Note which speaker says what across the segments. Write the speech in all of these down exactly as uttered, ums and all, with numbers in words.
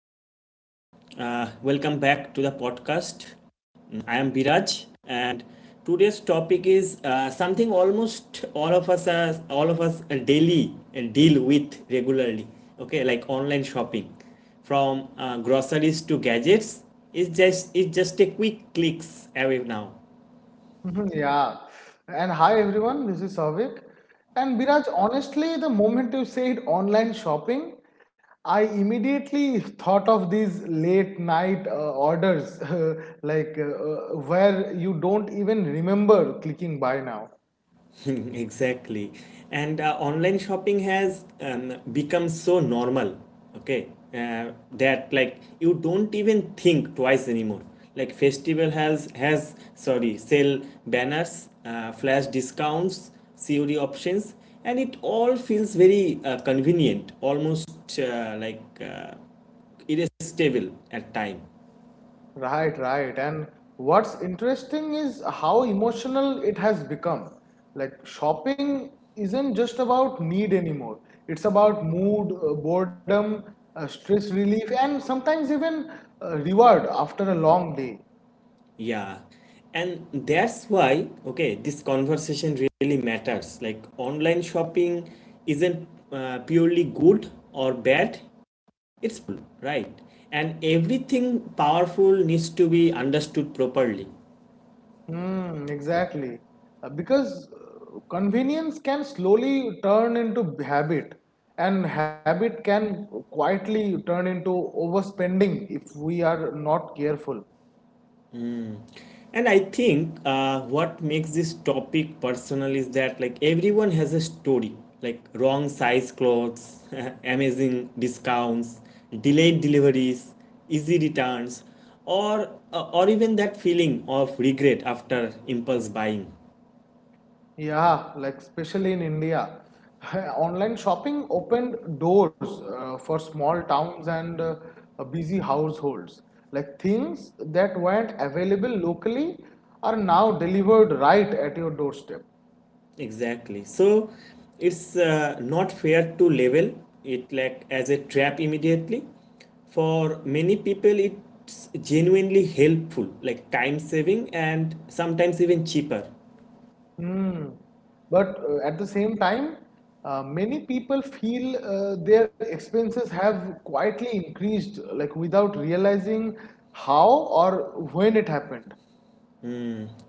Speaker 1: Hello, everyone. Uh, welcome back to the podcast. Mm, I am Biraj, and today's topic is uh, something almost all of us are, all of us uh, daily and deal with regularly. Okay, like online shopping, from uh, groceries to gadgets, is just it's just a quick clicks away now.
Speaker 2: Mhm, yeah. And hi everyone, this is Savik. And Biraj, honestly, the moment you said online shopping, I immediately thought of these late night uh, orders, like uh, uh, where you don't even remember clicking buy now.
Speaker 1: Mm, Exactly. And uh, online shopping has um, become so normal, okay, uh, that like you don't even think twice anymore. Like festival has has sorry sale banners, uh, flash discounts, C O D options, and it all feels very uh, convenient, almost uh, like uh, irresistible at time.
Speaker 2: Right, right. And what's interesting is how emotional it has become. Like shopping isn't just about need anymore. It's about mood, uh, boredom, uh, stress relief, and sometimes even uh, reward after a long day.
Speaker 1: Yeah, and that's why, okay, this conversation really matters. Like, online shopping isn't uh, purely good or bad, it's right. And everything powerful needs to be understood properly.
Speaker 2: Hmm, exactly. Uh, because uh, convenience can slowly turn into habit, and habit can quietly turn into overspending if we are not careful.
Speaker 1: And I think uh, what makes this topic personal is that like everyone has a story, like wrong size clothes, amazing discounts, delayed deliveries, easy returns, or uh, or even that feeling of regret after impulse buying.
Speaker 2: Yeah, like especially in India, online shopping opened doors uh, for small towns and uh, uh, busy households. Like things that weren't available locally are now delivered right at your doorstep.
Speaker 1: Exactly. So it's uh, not fair to label it like as a trap immediately. For many people, it's genuinely helpful, like time saving and sometimes even cheaper.
Speaker 2: Hmm. But uh, at the same time, uh, many people feel uh, their expenses have quietly increased, like without realizing how or when it happened.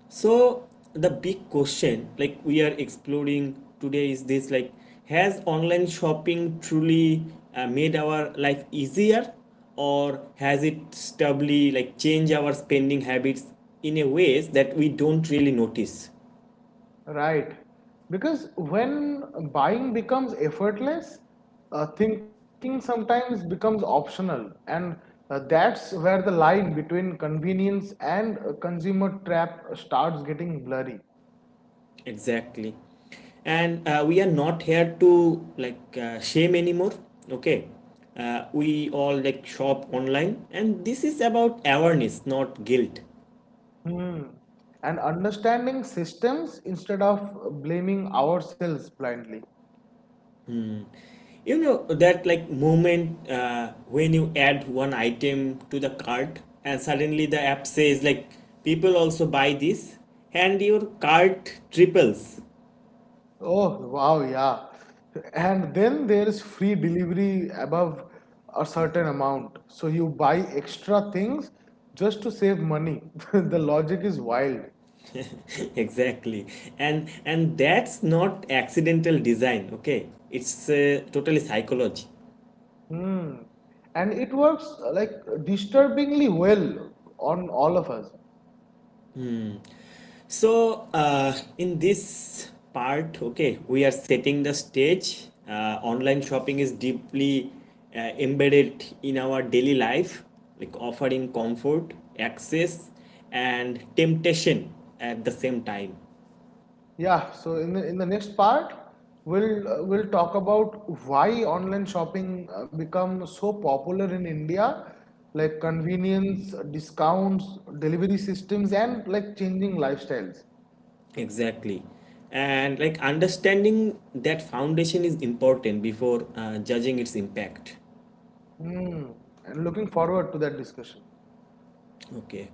Speaker 1: So the big question, like we are exploring today, is this: like, has online shopping truly uh, made our life easier, or has it stably like changed our spending habits in a ways that we don't really notice?
Speaker 2: Right. Because when buying becomes effortless, uh, thinking sometimes becomes optional. And uh, that's where the line between convenience and uh, consumer trap starts getting blurry.
Speaker 1: Exactly. And uh, we are not here to like uh, shame anymore. Okay. Uh, we all like shop online, and this is about awareness, not guilt.
Speaker 2: Hmm. And understanding systems instead of blaming ourselves blindly.
Speaker 1: You know that like moment uh, when you add one item to the cart, and suddenly the app says like people also buy this, and your cart triples.
Speaker 2: Oh, wow, yeah. And then there is free delivery above a certain amount, so you buy extra things just to save money. The logic is wild.
Speaker 1: Exactly. And and that's not accidental design. Okay, it's uh, totally psychology.
Speaker 2: Hmm. And it works uh, like disturbingly well on all of us.
Speaker 1: So, uh, in this part, okay, we are setting the stage. Uh, online shopping is deeply uh, embedded in our daily life, like offering comfort, access, and temptation at the same time.
Speaker 2: Yeah, so in the in the next part, we'll uh, we'll talk about why online shopping uh, become so popular in India, like convenience, discounts, delivery systems, and like changing lifestyles.
Speaker 1: Exactly. And like understanding that foundation is important before uh, judging its impact.
Speaker 2: Hmm. And looking forward to that discussion.
Speaker 1: Okay.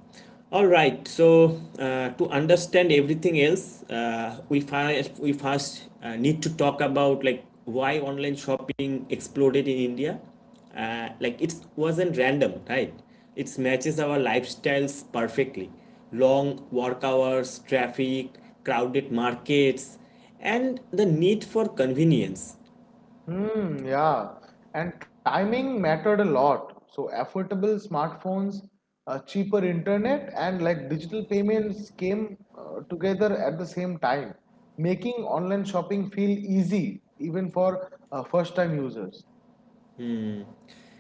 Speaker 1: All right. So uh, to understand everything else, uh, we first we first uh, need to talk about like why online shopping exploded in India. Uh, like it wasn't random, right? It matches our lifestyles perfectly. Long work hours, traffic, crowded markets, and the need for convenience.
Speaker 2: Hmm, yeah. And timing mattered a lot. So affordable smartphones, uh, cheaper internet, and like digital payments came uh, together at the same time, making online shopping feel easy even for uh, first-time users.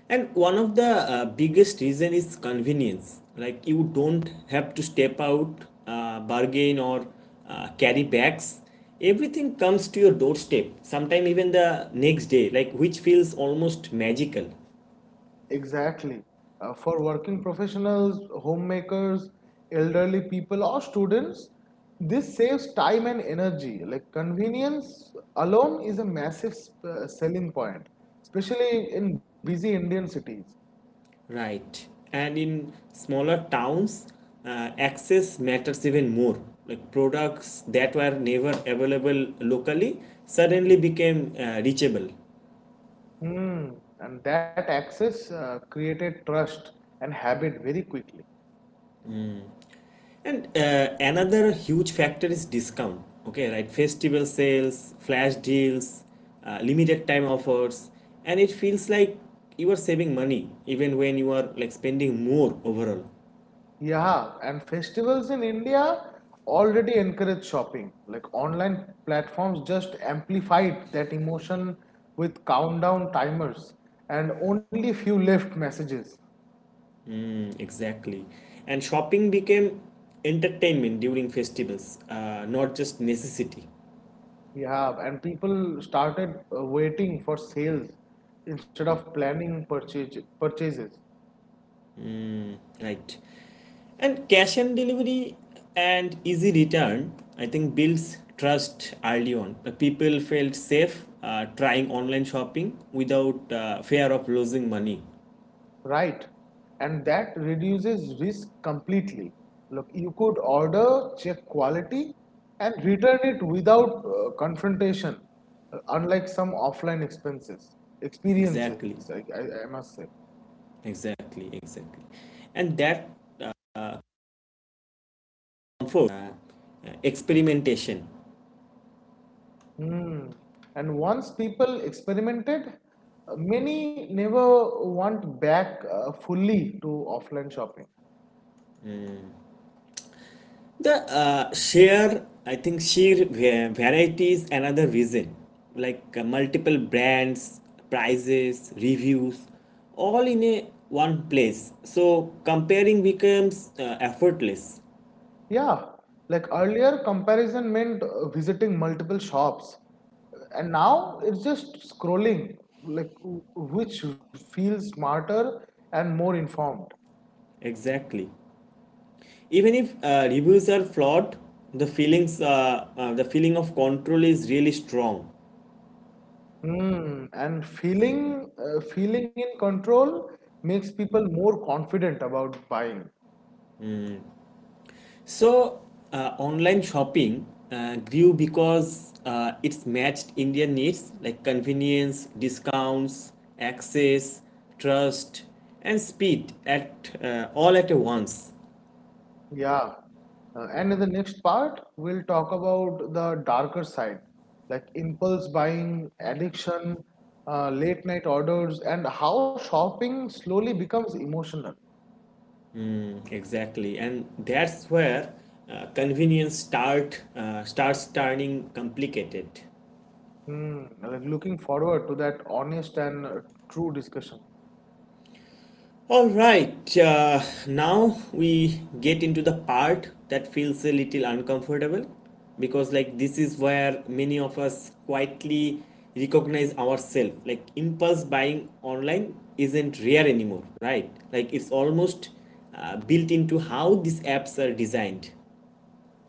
Speaker 1: And one of the uh, biggest reason is convenience. Like you don't have to step out, uh, bargain or uh, carry bags. Everything comes to your doorstep. Sometime even the next day, like which feels almost magical,
Speaker 2: Exactly. Uh, for working professionals, homemakers, elderly people, or students, this saves time and energy. Like convenience alone is a massive sp- uh, selling point, especially in busy Indian cities.
Speaker 1: right? And in smaller towns, uh, access matters even more. Like products that were never available locally suddenly became uh, reachable.
Speaker 2: Hmm. And that access uh, created trust and habit very quickly.
Speaker 1: And uh, another huge factor is discount. Okay, right? Festival sales, flash deals, uh, limited time offers, and it feels like you are saving money even when you are like spending more overall.
Speaker 2: Yeah, and festivals in India already encourage shopping. Like online platforms just amplified that emotion with countdown timers and only few left messages.
Speaker 1: Mm, Exactly. And shopping became entertainment during festivals, uh, not just necessity,
Speaker 2: Yeah, and people started uh, waiting for sales instead of planning purchase purchases.
Speaker 1: right? And cash on delivery and easy return, I think, builds trust early on. The people felt safe uh, trying online shopping without uh, fear of losing money.
Speaker 2: Right. And that reduces risk completely. Look, you could order, check quality, and return it without uh, confrontation, uh, unlike some offline expenses, experiences,
Speaker 1: Exactly,
Speaker 2: I, I, I must say.
Speaker 1: exactly, exactly. And that comfort, uh, uh, experimentation.
Speaker 2: Hmm. And once people experimented, uh, many never want back uh, fully to offline shopping.
Speaker 1: The uh, sheer, I think, sheer va- variety is another reason. Like uh, multiple brands, prices, reviews, all in a one place. So comparing becomes uh, effortless.
Speaker 2: Yeah, like earlier comparison meant uh, visiting multiple shops, and now it's just scrolling, like w- which feels smarter and more informed.
Speaker 1: Exactly. Even if uh, reviews are flawed, the feelings, uh, uh, the feeling of control is really strong.
Speaker 2: Hmm. And feeling uh, feeling in control makes people more confident about buying.
Speaker 1: So, uh, online shopping uh, grew because uh, it's matched Indian needs like convenience, discounts, access, trust, and speed at uh, all at once.
Speaker 2: Yeah. Uh, and in the next part, we'll talk about the darker side, like impulse buying, addiction, uh, late night orders, and how shopping slowly becomes emotional.
Speaker 1: Exactly, and that's where uh, convenience start uh, starts turning complicated.
Speaker 2: Hmm, like looking forward to that honest and uh, true discussion.
Speaker 1: All right, uh, now we get into the part that feels a little uncomfortable because, like, this is where many of us quietly recognize ourselves. Like, impulse buying online isn't rare anymore, right? Like, it's almost uh, built into how these apps are designed.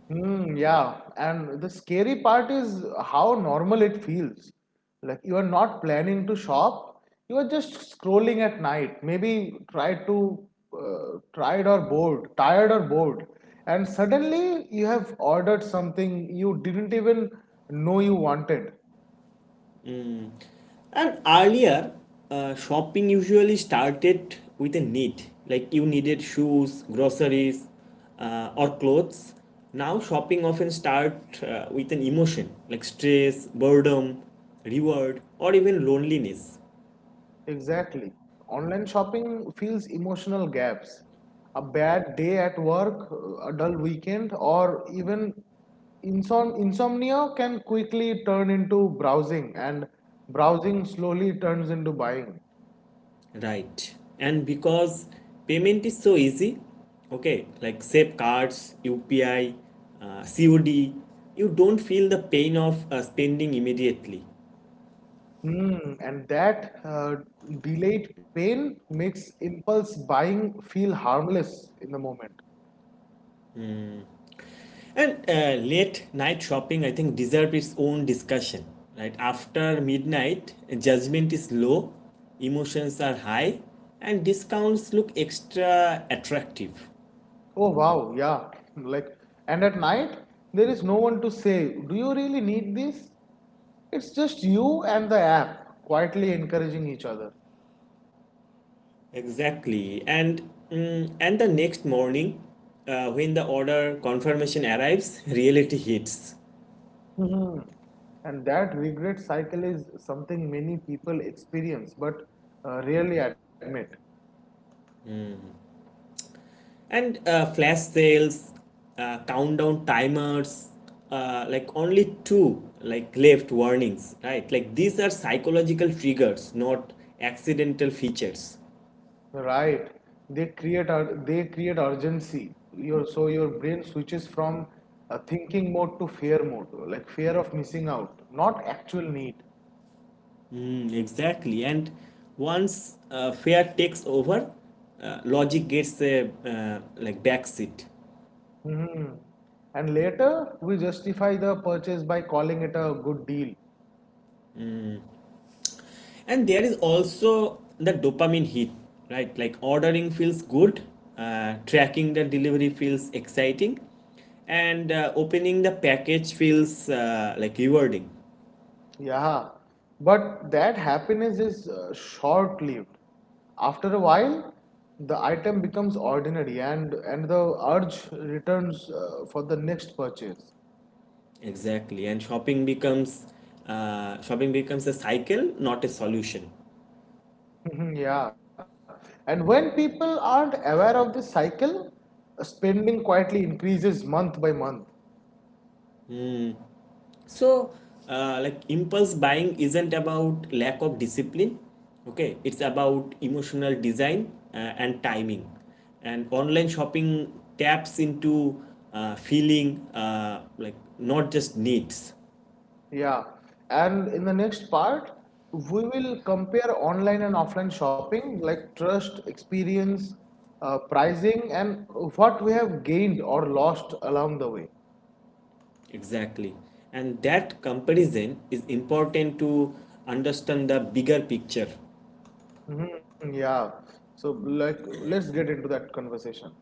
Speaker 2: Mm, yeah, and the scary part is how normal it feels. Like you are not planning to shop, you are just scrolling at night. Maybe tried to uh, tried or bored, tired or bored, and suddenly you have ordered something you didn't even know you wanted.
Speaker 1: And earlier, uh, shopping usually started with a need, like you needed shoes, groceries, uh, or clothes. Now, shopping often starts uh, with an emotion, like stress, boredom, reward, or even loneliness.
Speaker 2: Exactly. Online shopping fills emotional gaps. A bad day at work, a dull weekend, or even insom- insomnia can quickly turn into browsing, and browsing slowly turns into buying.
Speaker 1: Right. And because payment is so easy, okay, like save cards, U P I, uh, C O D, you don't feel the pain of uh, spending immediately.
Speaker 2: Hmm, and that uh, delayed pain makes impulse buying feel harmless in the moment.
Speaker 1: And uh, late night shopping, I think, deserve its own discussion. Right after midnight, judgment is low, emotions are high, and discounts look extra attractive.
Speaker 2: Oh wow, yeah. Like, and at night, there is no one to say, do you really need this? It's just you and the app quietly encouraging each other.
Speaker 1: Exactly, and mm, and the next morning, uh, when the order confirmation arrives, reality hits.
Speaker 2: Hmm. And that regret cycle is something many people experience but uh, rarely admit.
Speaker 1: And uh, flash sales, uh, countdown timers, uh, like only two like left warnings, right? Like these are psychological triggers, not accidental features.
Speaker 2: Right? They create ur- they create urgency. Your so your brain switches from a thinking mode to fear mode, like fear of missing out, not actual need.
Speaker 1: Mm, exactly. And once uh, fear takes over, uh, logic gets a uh, like backseat.
Speaker 2: Hmm. And later we justify the purchase by calling it a good deal.
Speaker 1: And there is also the dopamine hit, right? Like ordering feels good, uh, tracking the delivery feels exciting, and uh, opening the package feels uh, like rewarding.
Speaker 2: Yeah, but that happiness is uh, short-lived. After a while, the item becomes ordinary and and the urge returns uh, for the next purchase.
Speaker 1: Exactly, and shopping becomes uh, shopping becomes a cycle, not a solution.
Speaker 2: Yeah, and when people aren't aware of this cycle, spending quietly increases month by month.
Speaker 1: So uh, like impulse buying isn't about lack of discipline, okay, it's about emotional design uh, and timing, and online shopping taps into uh, feeling, uh, like not just needs.
Speaker 2: Yeah, and in the next part, we will compare online and offline shopping, like trust, experience, uh, pricing, and what we have gained or lost along the way.
Speaker 1: Exactly, and that comparison is important to understand the bigger picture.
Speaker 2: Hmm, yeah, so like let's get into that conversation.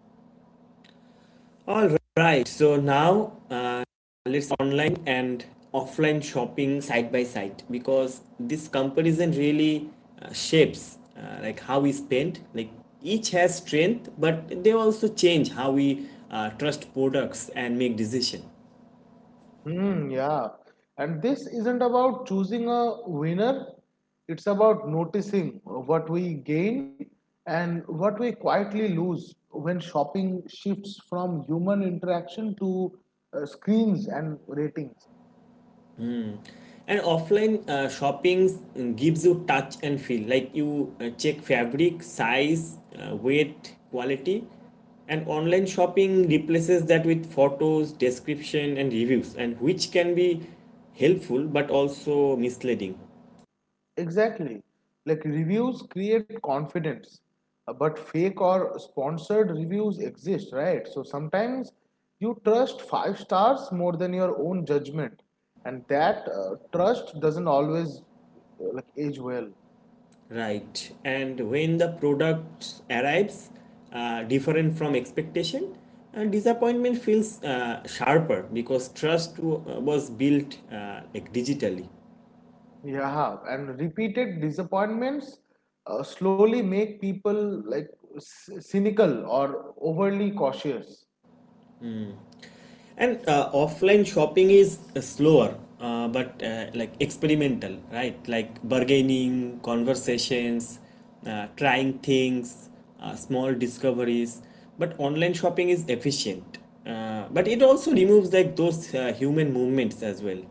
Speaker 1: All right, so now let's online and offline shopping side by side because this comparison really uh, shapes uh, like how we spend. Like each has strength but they also change how we uh, trust products and make decision.
Speaker 2: Hmm, yeah. And this isn't about choosing a winner, it's about noticing what we gain and what we quietly lose when shopping shifts from human interaction to uh, screens and ratings.
Speaker 1: And offline uh, shoppings mm, gives you touch and feel. Like you uh, check fabric, size, uh, weight, quality. And online shopping replaces that with photos, description, and reviews, and which can be helpful but also misleading.
Speaker 2: Exactly. Like reviews create confidence, uh, but fake or sponsored reviews exist, right? So sometimes you trust five stars more than your own judgment, and that uh, trust doesn't always uh, like age well.
Speaker 1: Right. And when the product arrives uh, different from expectation, uh, disappointment feels uh, sharper because trust uh, was built uh, like digitally.
Speaker 2: Yeah, and repeated disappointments uh, slowly make people like c- cynical or overly cautious.
Speaker 1: And uh, offline shopping is uh, slower, uh, but uh, like experimental, right? Like bargaining, conversations, uh, trying things, uh, small discoveries. But online shopping is efficient. Uh, but it also removes like those uh, human movements as well.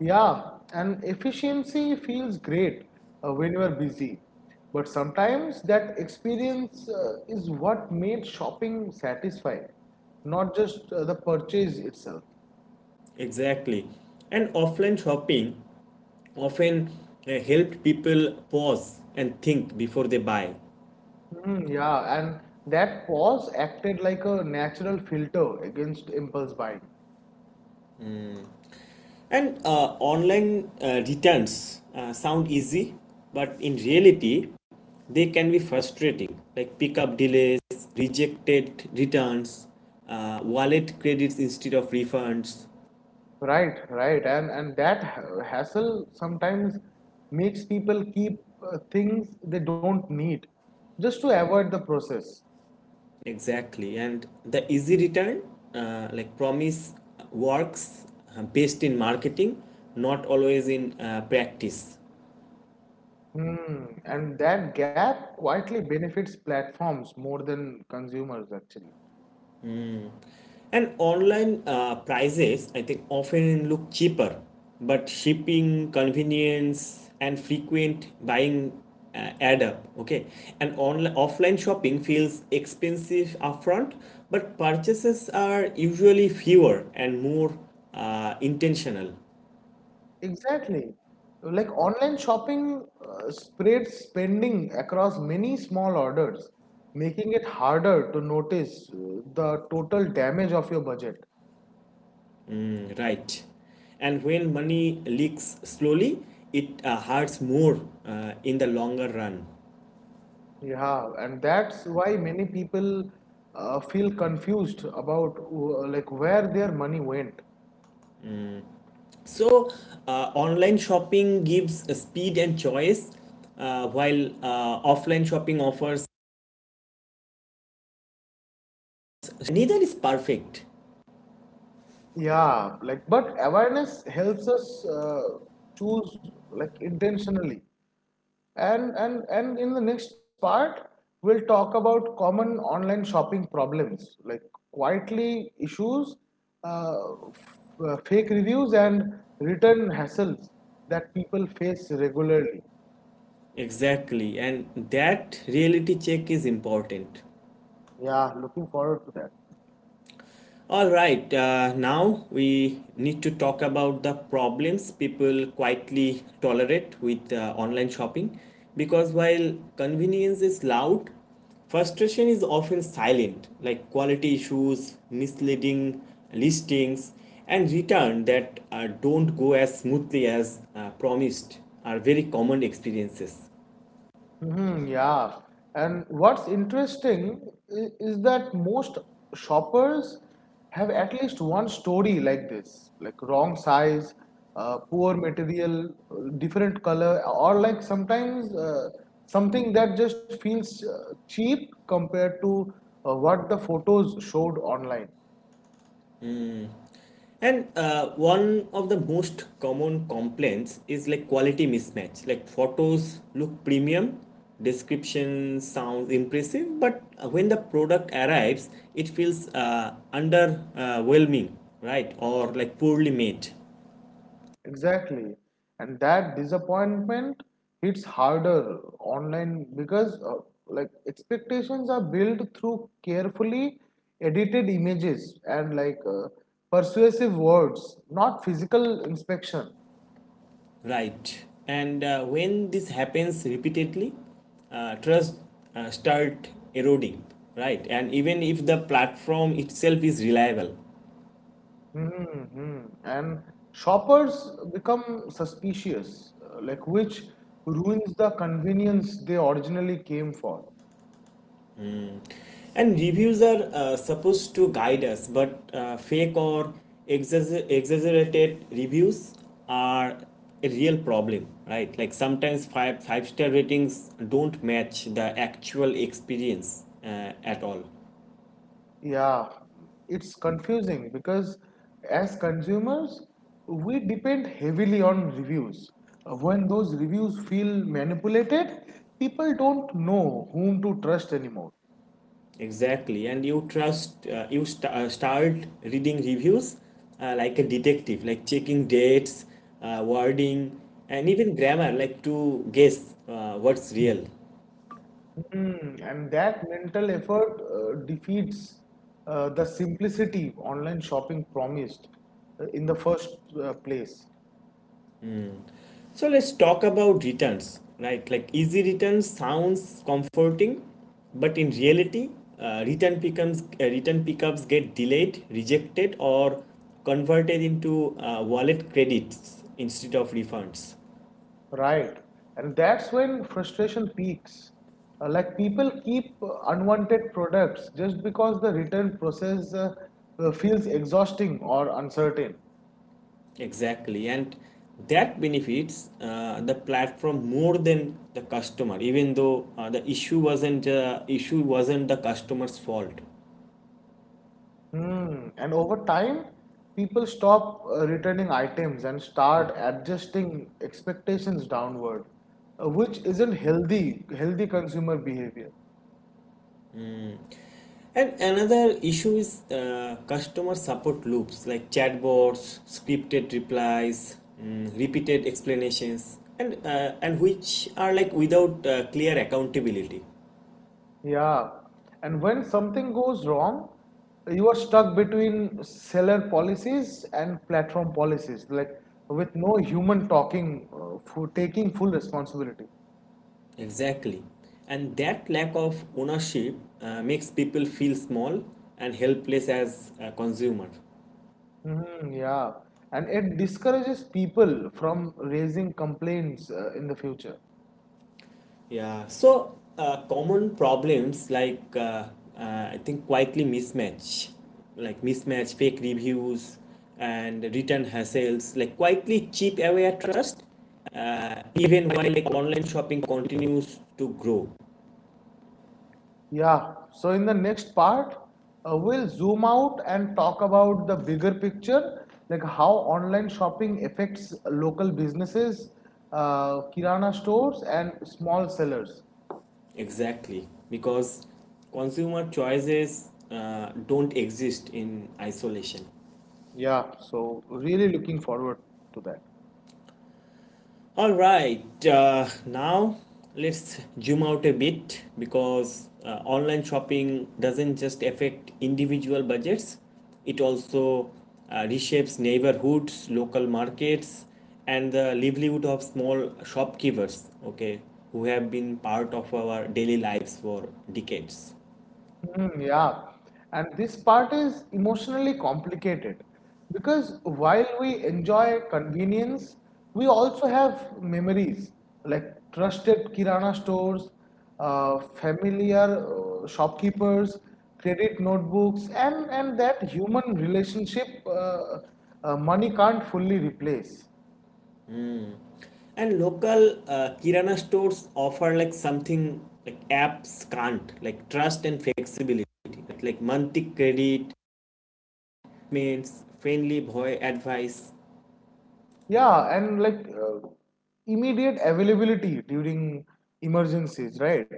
Speaker 2: Yeah, and efficiency feels great uh, when you are busy, but sometimes that experience uh, is what made shopping satisfying, not just uh, the purchase itself.
Speaker 1: Exactly. And offline shopping often uh, helped people pause and think before they buy.
Speaker 2: Mm, yeah, and that pause acted like a natural filter against impulse buying.
Speaker 1: And uh, online uh, returns uh, sound easy, but in reality, they can be frustrating, like pickup delays, rejected returns, uh, wallet credits instead of refunds.
Speaker 2: Right, right, and and that ha- hassle sometimes makes people keep uh, things they don't need just to avoid the process.
Speaker 1: Exactly. And the easy return, uh, like promise, works uh, best in marketing, not always in uh, practice.
Speaker 2: Mm, and that gap quietly benefits platforms more than consumers, actually.
Speaker 1: And online uh, prices, I think, often look cheaper, but shipping, convenience, and frequent buying uh, add up. Okay, and online offline shopping feels expensive upfront, but purchases are usually fewer and more uh, intentional.
Speaker 2: Exactly. Like online shopping uh, spreads spending across many small orders, making it harder to notice uh, the total damage of your budget.
Speaker 1: Mm, Right, and when money leaks slowly, it uh, hurts more uh, in the longer run.
Speaker 2: Yeah, and that's why many people uh, feel confused about uh, like where their money went.
Speaker 1: So, uh, online shopping gives speed and choice, uh, while uh, offline shopping offers neither is perfect.
Speaker 2: Yeah, like but awareness helps us uh, choose like intentionally. And, and, and in the next part, we'll talk about common online shopping problems like quietly issues, uh, uh, fake reviews, and return hassles that people face regularly.
Speaker 1: Exactly, and that reality check is important.
Speaker 2: Yeah, looking forward to that.
Speaker 1: All right, uh, now we need to talk about the problems people quietly tolerate with uh, online shopping because while convenience is loud, frustration is often silent, like quality issues, misleading listings, and returns that uh, don't go as smoothly as uh, promised are very common experiences.
Speaker 2: Hmm, yeah. And what's interesting i- is that most shoppers have at least one story like this, like wrong size, uh, poor material, uh, different color, or like sometimes uh, something that just feels uh, cheap compared to uh, what the photos showed online.
Speaker 1: And uh, one of the most common complaints is like quality mismatch. Like photos look premium, description sounds impressive, but uh, when the product arrives, it feels uh, underwhelming, right? Or like poorly made,
Speaker 2: Exactly. And that disappointment hits harder online because uh, like expectations are built through carefully edited images and like uh, persuasive words, not physical inspection.
Speaker 1: right? And uh, when this happens repeatedly, uh, trust uh, start eroding, right? And even if the platform itself is reliable.
Speaker 2: Hmm. And shoppers become suspicious, uh, like which ruins the convenience they originally came for.
Speaker 1: And reviews are uh, supposed to guide us, but uh, fake or exagger- exaggerated reviews are a real problem, right? Like sometimes five five star ratings don't match the actual experience uh, at all.
Speaker 2: Yeah, it's confusing because as consumers, we depend heavily on reviews. Uh, When those reviews feel manipulated, people don't know whom to trust anymore.
Speaker 1: Exactly, and you trust uh, you st- uh, start reading reviews uh, like a detective, like checking dates, uh, wording, and even grammar, like to guess uh, what's real.
Speaker 2: Hmm, and that mental effort uh, defeats uh, the simplicity online shopping promised uh, in the first uh, place.
Speaker 1: So let's talk about returns, right? Like easy returns sounds comforting, but in reality, uh, return becomes uh, return pickups get delayed, rejected, or converted into uh, wallet credits instead of refunds.
Speaker 2: Right. And that's when frustration peaks. Uh, like people keep uh, unwanted products just because the return process uh, uh, feels exhausting or uncertain.
Speaker 1: Exactly, and that benefits uh, the platform more than the customer, even though uh, the issue wasn't uh, issue wasn't the customer's fault.
Speaker 2: Hmm. And over time, people stop uh, returning items and start adjusting expectations downward, uh, which isn't healthy, healthy consumer behavior.
Speaker 1: And another issue is uh, customer support loops like chatbots, scripted replies, mm, repeated explanations, and uh, and which are like without uh, clear accountability.
Speaker 2: Yeah, and when something goes wrong, you are stuck between seller policies and platform policies, like with no human talking uh, for taking full responsibility.
Speaker 1: Exactly, and that lack of ownership uh, makes people feel small and helpless as a consumer.
Speaker 2: Hmm, yeah, and it discourages people from raising complaints uh, in the future.
Speaker 1: Yeah, so uh, common problems like uh, uh, I think quietly mismatch, like mismatch, fake reviews, and return hassles, like quietly cheap away at trust, uh, even while like online shopping continues to grow.
Speaker 2: Yeah, so in the next part, uh, we'll zoom out and talk about the bigger picture, like how online shopping affects local businesses, uh, Kirana stores, and small sellers.
Speaker 1: Exactly, because consumer choices uh, don't exist in isolation.
Speaker 2: Yeah, so really looking forward to that.
Speaker 1: All right, uh, now let's zoom out a bit because uh, online shopping doesn't just affect individual budgets, it also uh, reshapes neighborhoods, local markets, and the livelihood of small shopkeepers, okay, who have been part of our daily lives for decades.
Speaker 2: Mm, yeah, and this part is emotionally complicated because while we enjoy convenience, we also have memories like trusted kirana stores, uh, familiar uh, shopkeepers, credit notebooks, and, and that human relationship uh, uh, money can't fully replace.
Speaker 1: And local uh, Kirana stores offer like something like apps can't, like trust and flexibility, like monthly credit, means friendly boy advice.
Speaker 2: Yeah, and like uh, immediate availability during emergencies, right?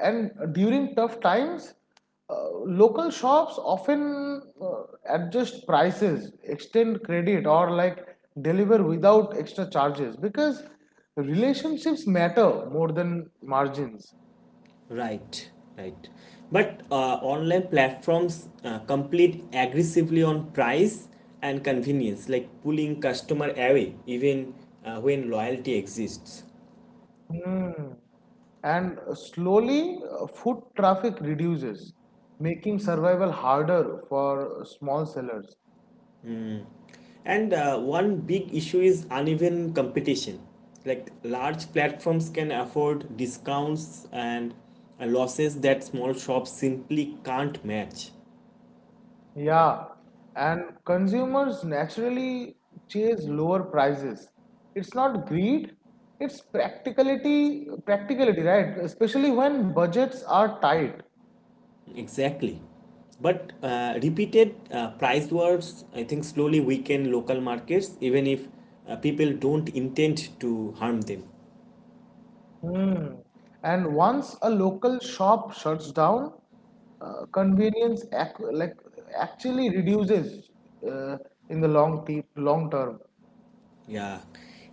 Speaker 2: And during tough times, uh, local shops often uh, adjust prices, extend credit, or like deliver without extra charges because relationships matter more than margins.
Speaker 1: Right, right, but uh, online platforms uh, compete aggressively on price and convenience, like pulling customer away even uh, when loyalty exists.
Speaker 2: Hmm. And slowly, uh, foot traffic reduces, making survival harder for small sellers.
Speaker 1: And uh, one big issue is uneven competition. Like large platforms can afford discounts and uh, losses that small shops simply can't match.
Speaker 2: Yeah, and consumers naturally chase lower prices. It's not greed, it's practicality, practicality, right? Especially when budgets are tight.
Speaker 1: Exactly. But uh, repeated uh, price wars, I think, slowly weaken local markets, even if uh, people don't intend to harm them.
Speaker 2: Hmm. And once a local shop shuts down, uh, convenience ac like actually reduces uh, in the long te long term.
Speaker 1: Yeah.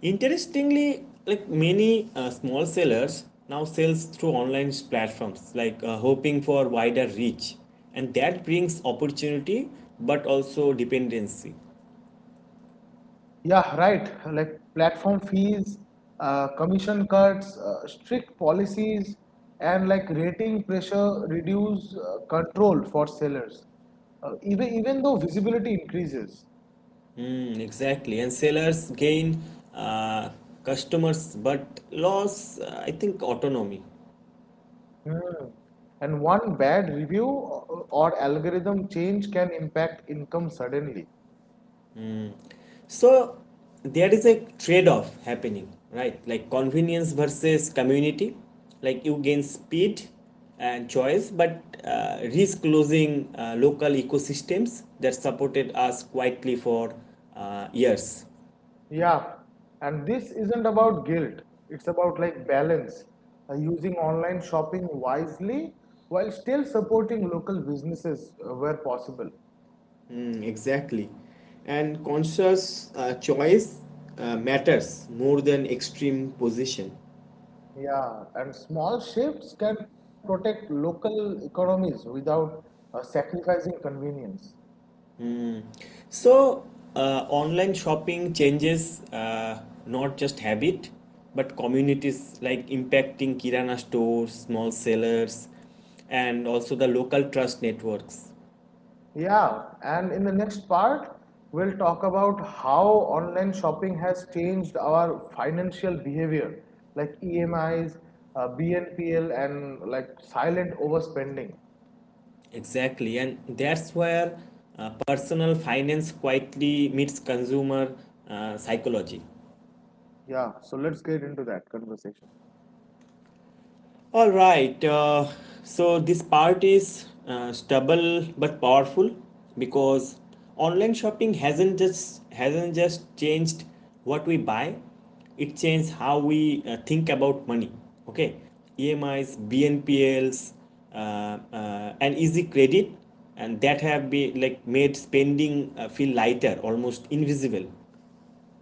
Speaker 1: Interestingly, like many uh, small sellers now sells through online platforms, like uh, hoping for wider reach, and that brings opportunity but also dependency.
Speaker 2: Yeah, right. Like platform fees, uh, commission cuts, uh, strict policies, and like rating pressure reduce uh, control for sellers. Uh, even even though visibility increases,
Speaker 1: Mm, exactly. And sellers gain uh, customers but loss, uh, I think, autonomy.
Speaker 2: hmm, and one bad review or or algorithm change can impact income suddenly.
Speaker 1: So there is a trade-off happening, right? Like convenience versus community. Like you gain speed and choice, but uh, risk losing uh, local ecosystems that supported us quietly for uh, years.
Speaker 2: Yeah, and this isn't about guilt. It's about like balance, uh, using online shopping wisely while still supporting local businesses uh, where possible.
Speaker 1: Mm, exactly. And conscious uh, choice uh, matters more than extreme position.
Speaker 2: Yeah, and small shifts can protect local economies without uh, sacrificing convenience.
Speaker 1: So, uh, online shopping changes uh, not just habit, but communities, like impacting Kirana stores, small sellers, and also the local trust networks.
Speaker 2: Yeah, and in the next part, we'll talk about how online shopping has changed our financial behavior, like E M Is, uh, B N P L, and like silent overspending.
Speaker 1: Exactly, and that's where uh, personal finance quietly meets consumer uh, psychology.
Speaker 2: Yeah, so let's get into that conversation.
Speaker 1: All right. Uh, so this part is uh, stubble but powerful, because online shopping hasn't just hasn't just changed what we buy. It changed how we uh, think about money. Okay, E M Is, B N P Ls, uh, uh, and easy credit, and that have been, like, made spending uh, feel lighter, almost invisible.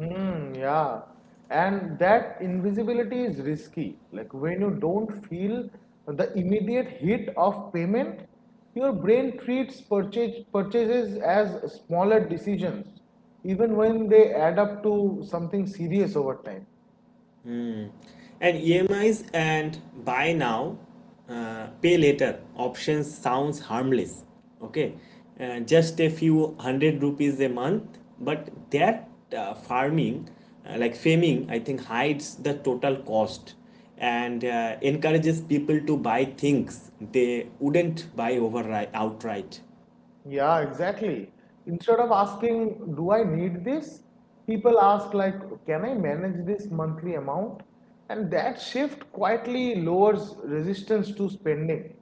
Speaker 2: Hmm, yeah. And that invisibility is risky. Like when you don't feel the immediate hit of payment, your brain treats purchase purchases as smaller decisions, even when they add up to something serious over time.
Speaker 1: And E M Is and buy now, uh, pay later options sounds harmless. Okay. Uh, just a few hundred rupees a month, but that uh, farming, uh, like faming, I think hides the total cost and uh, encourages people to buy things they wouldn't buy over outright.
Speaker 2: Yeah, exactly. Instead of asking, do I need this? People ask like, can I manage this monthly amount? And that shift quietly lowers resistance to spending.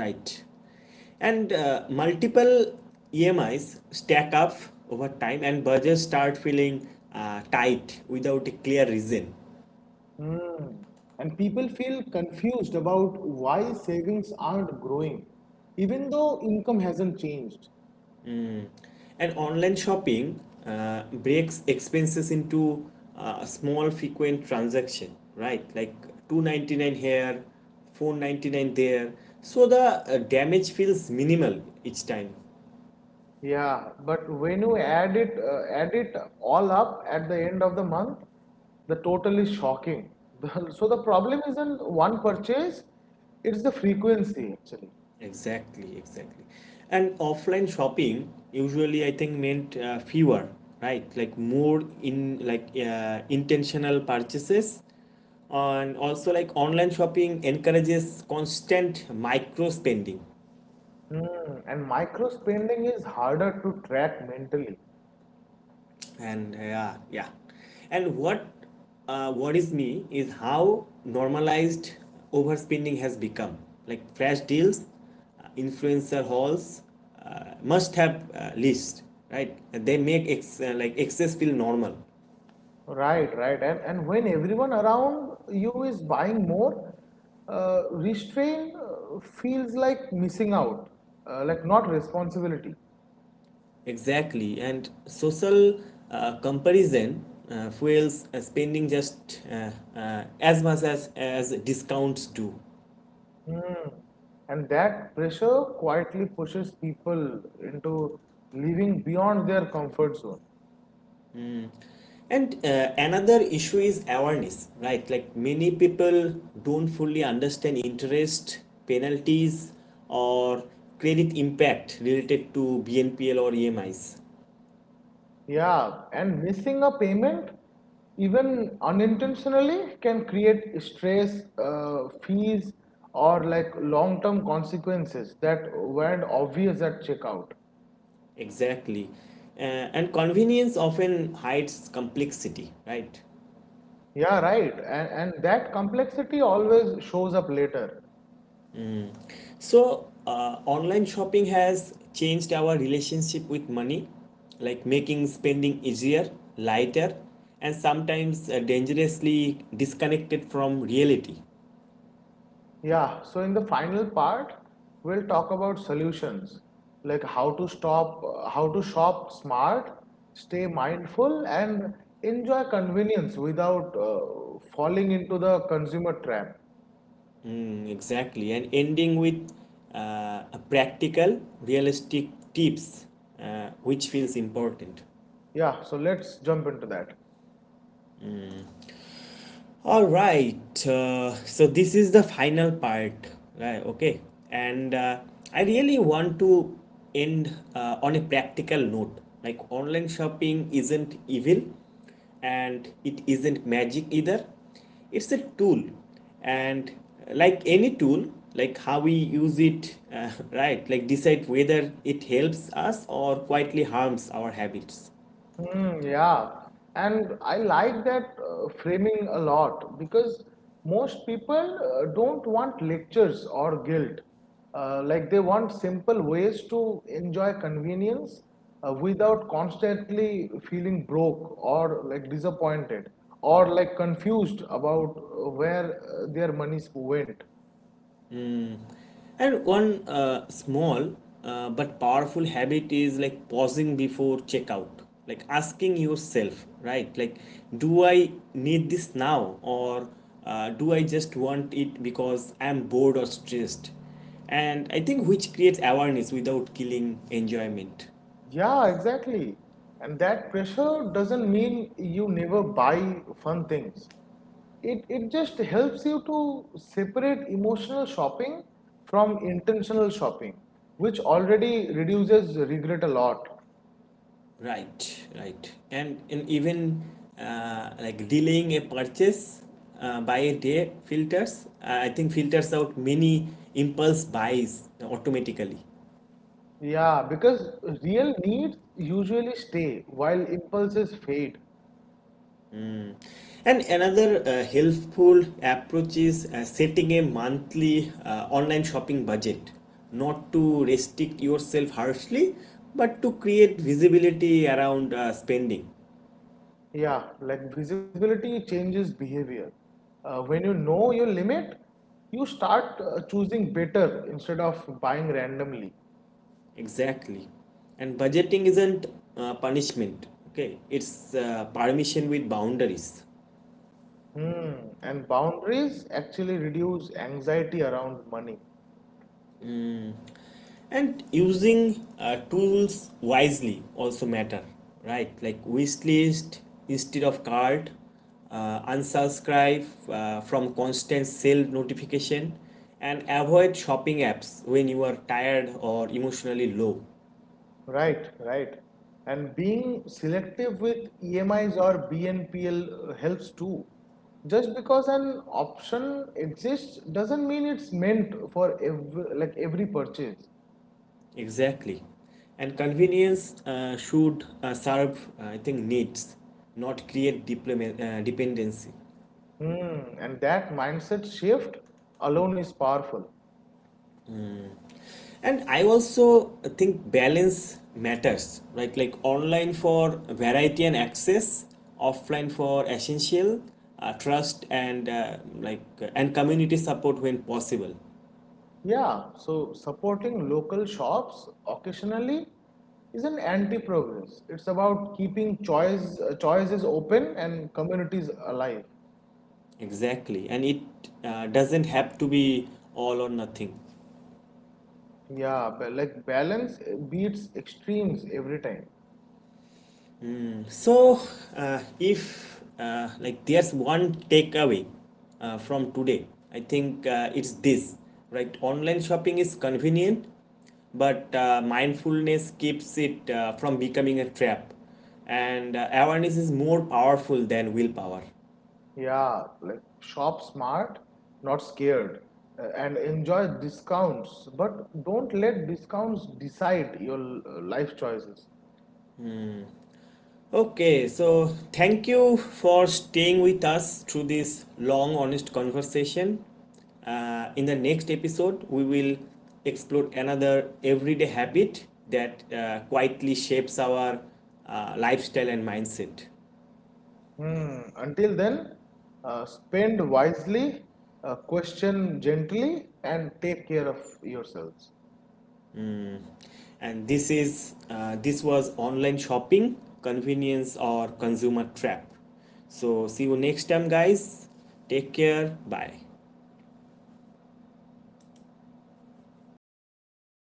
Speaker 1: Right. And uh, multiple E M Is stack up over time, and budgets start feeling uh, tight without a clear reason.
Speaker 2: Hmm, and people feel confused about why savings aren't growing, even though income hasn't changed.
Speaker 1: And online shopping uh, breaks expenses into uh, small, frequent transactions, right? Like two ninety nine here, four ninety nine there. So the uh, damage feels minimal each time.
Speaker 2: Yeah, but when you add it uh, add it all up at the end of the month, the total is shocking. The- so the problem isn't one purchase, it's the frequency actually.
Speaker 1: Exactly, exactly. And offline shopping usually, I think, meant uh, fewer, right? Like more in, like, uh, intentional purchases. And also, like, online shopping encourages constant micro spending.
Speaker 2: Hmm, and micro spending is harder to track mentally.
Speaker 1: and yeah yeah and what uh, worries me is how normalized overspending has become, like flash deals, uh, influencer hauls, uh, must have uh, list, right? They make ex- uh, like excess feel normal.
Speaker 2: Right, right. And and when everyone around you is buying more, uh, restraint uh, feels like missing out, uh, like not responsibility.
Speaker 1: Exactly. And social uh, comparison uh, fuels uh, spending just uh, uh, as much as as discounts do.
Speaker 2: Hmm. And that pressure quietly pushes people into living beyond their comfort zone.
Speaker 1: And uh, another issue is awareness, right? Like many people don't fully understand interest, penalties, or credit impact related to B N P L or E M Is.
Speaker 2: Yeah, and missing a payment, even unintentionally, can create stress, uh, fees, or like long-term consequences that weren't obvious at checkout.
Speaker 1: Exactly. Uh, and convenience often hides complexity, right?
Speaker 2: Yeah, right. And, and that complexity always shows up later.
Speaker 1: So, uh, online shopping has changed our relationship with money, like making spending easier, lighter, and sometimes uh, dangerously disconnected from reality.
Speaker 2: Yeah, so in the final part, we'll talk about solutions like how to stop, how to shop smart, stay mindful, and enjoy convenience without uh, falling into the consumer trap.
Speaker 1: Mm, exactly. And ending with uh, a practical, realistic tips, uh, which feels important.
Speaker 2: Yeah, so let's jump into that.
Speaker 1: All right. Uh, so this is the final part, right? Okay, and uh, I really want to end uh, on a practical note. Like, online shopping isn't evil and it isn't magic either, it's a tool, and uh, like any tool, like how we use it, uh, right? Like, decide whether it helps us or quietly harms our habits.
Speaker 2: Mm, yeah, and I like that uh, framing a lot because most people uh, don't want lectures or guilt. Uh, like they want simple ways to enjoy convenience uh, without constantly feeling broke or like disappointed or like confused about uh, where uh, their money went.
Speaker 1: And one uh, small uh, but powerful habit is, like, pausing before checkout, like asking yourself, right? Like, do I need this now, or uh, do I just want it because I'm bored or stressed? And I think which creates awareness without killing enjoyment.
Speaker 2: Yeah, exactly. And that pressure doesn't mean you never buy fun things. It, it just helps you to separate emotional shopping from intentional shopping, which already reduces regret a lot.
Speaker 1: Right, right. And and even uh, like delaying a purchase uh, by a day filters, uh, I think, filters out many impulse buys automatically.
Speaker 2: Yeah, because real needs usually stay while impulses fade.
Speaker 1: And another uh, helpful approach is uh, setting a monthly uh, online shopping budget, not to restrict yourself harshly, but to create visibility around uh, spending.
Speaker 2: Yeah, like visibility changes behavior. Uh, when you know your limit, you start uh, choosing better instead of buying randomly.
Speaker 1: Exactly. And budgeting isn't uh, punishment, okay? It's uh, permission with boundaries.
Speaker 2: Hmm. And boundaries actually reduce anxiety around money.
Speaker 1: And using uh, tools wisely also matter, right? Like wish list instead of card, uh, unsubscribe uh, from constant sale notification, and avoid shopping apps when you are tired or emotionally low.
Speaker 2: Right, right. And being selective with E M Is or B N P L helps too. Just because an option exists doesn't mean it's meant for every, like every purchase.
Speaker 1: Exactly. And convenience uh, should uh, serve, uh, I think, needs, not create diploma- uh, dependency.
Speaker 2: Hmm, and that mindset shift alone is powerful.
Speaker 1: And I also think balance matters, right? Like online for variety and access, offline for essential, uh, trust and uh, like uh, and community support when possible.
Speaker 2: Yeah, so supporting local shops occasionally is an anti-progress. It's about keeping choice, uh, choices open and communities alive.
Speaker 1: Exactly. And it uh, doesn't have to be all or nothing.
Speaker 2: Yeah, but like balance uh, beats extremes every time.
Speaker 1: Um, so uh, if uh, like there's one takeaway uh, from today, I think uh, it's this, right? Online shopping is convenient, but uh, mindfulness keeps it uh, from becoming a trap, and uh, awareness is more powerful than willpower.
Speaker 2: Yeah, like shop smart, not scared, uh, and enjoy discounts, but don't let discounts decide your uh, life choices.
Speaker 1: Okay, so thank you for staying with us through this long, honest conversation. Uh, in the next episode, we will explore another everyday habit that uh, quietly shapes our uh, lifestyle and mindset.
Speaker 2: Hmm. Until then, uh, spend wisely, uh, question gently, and take care of yourselves.
Speaker 1: And this is uh, this was online shopping, convenience or consumer trap. So see you next time, guys. Take care. Bye.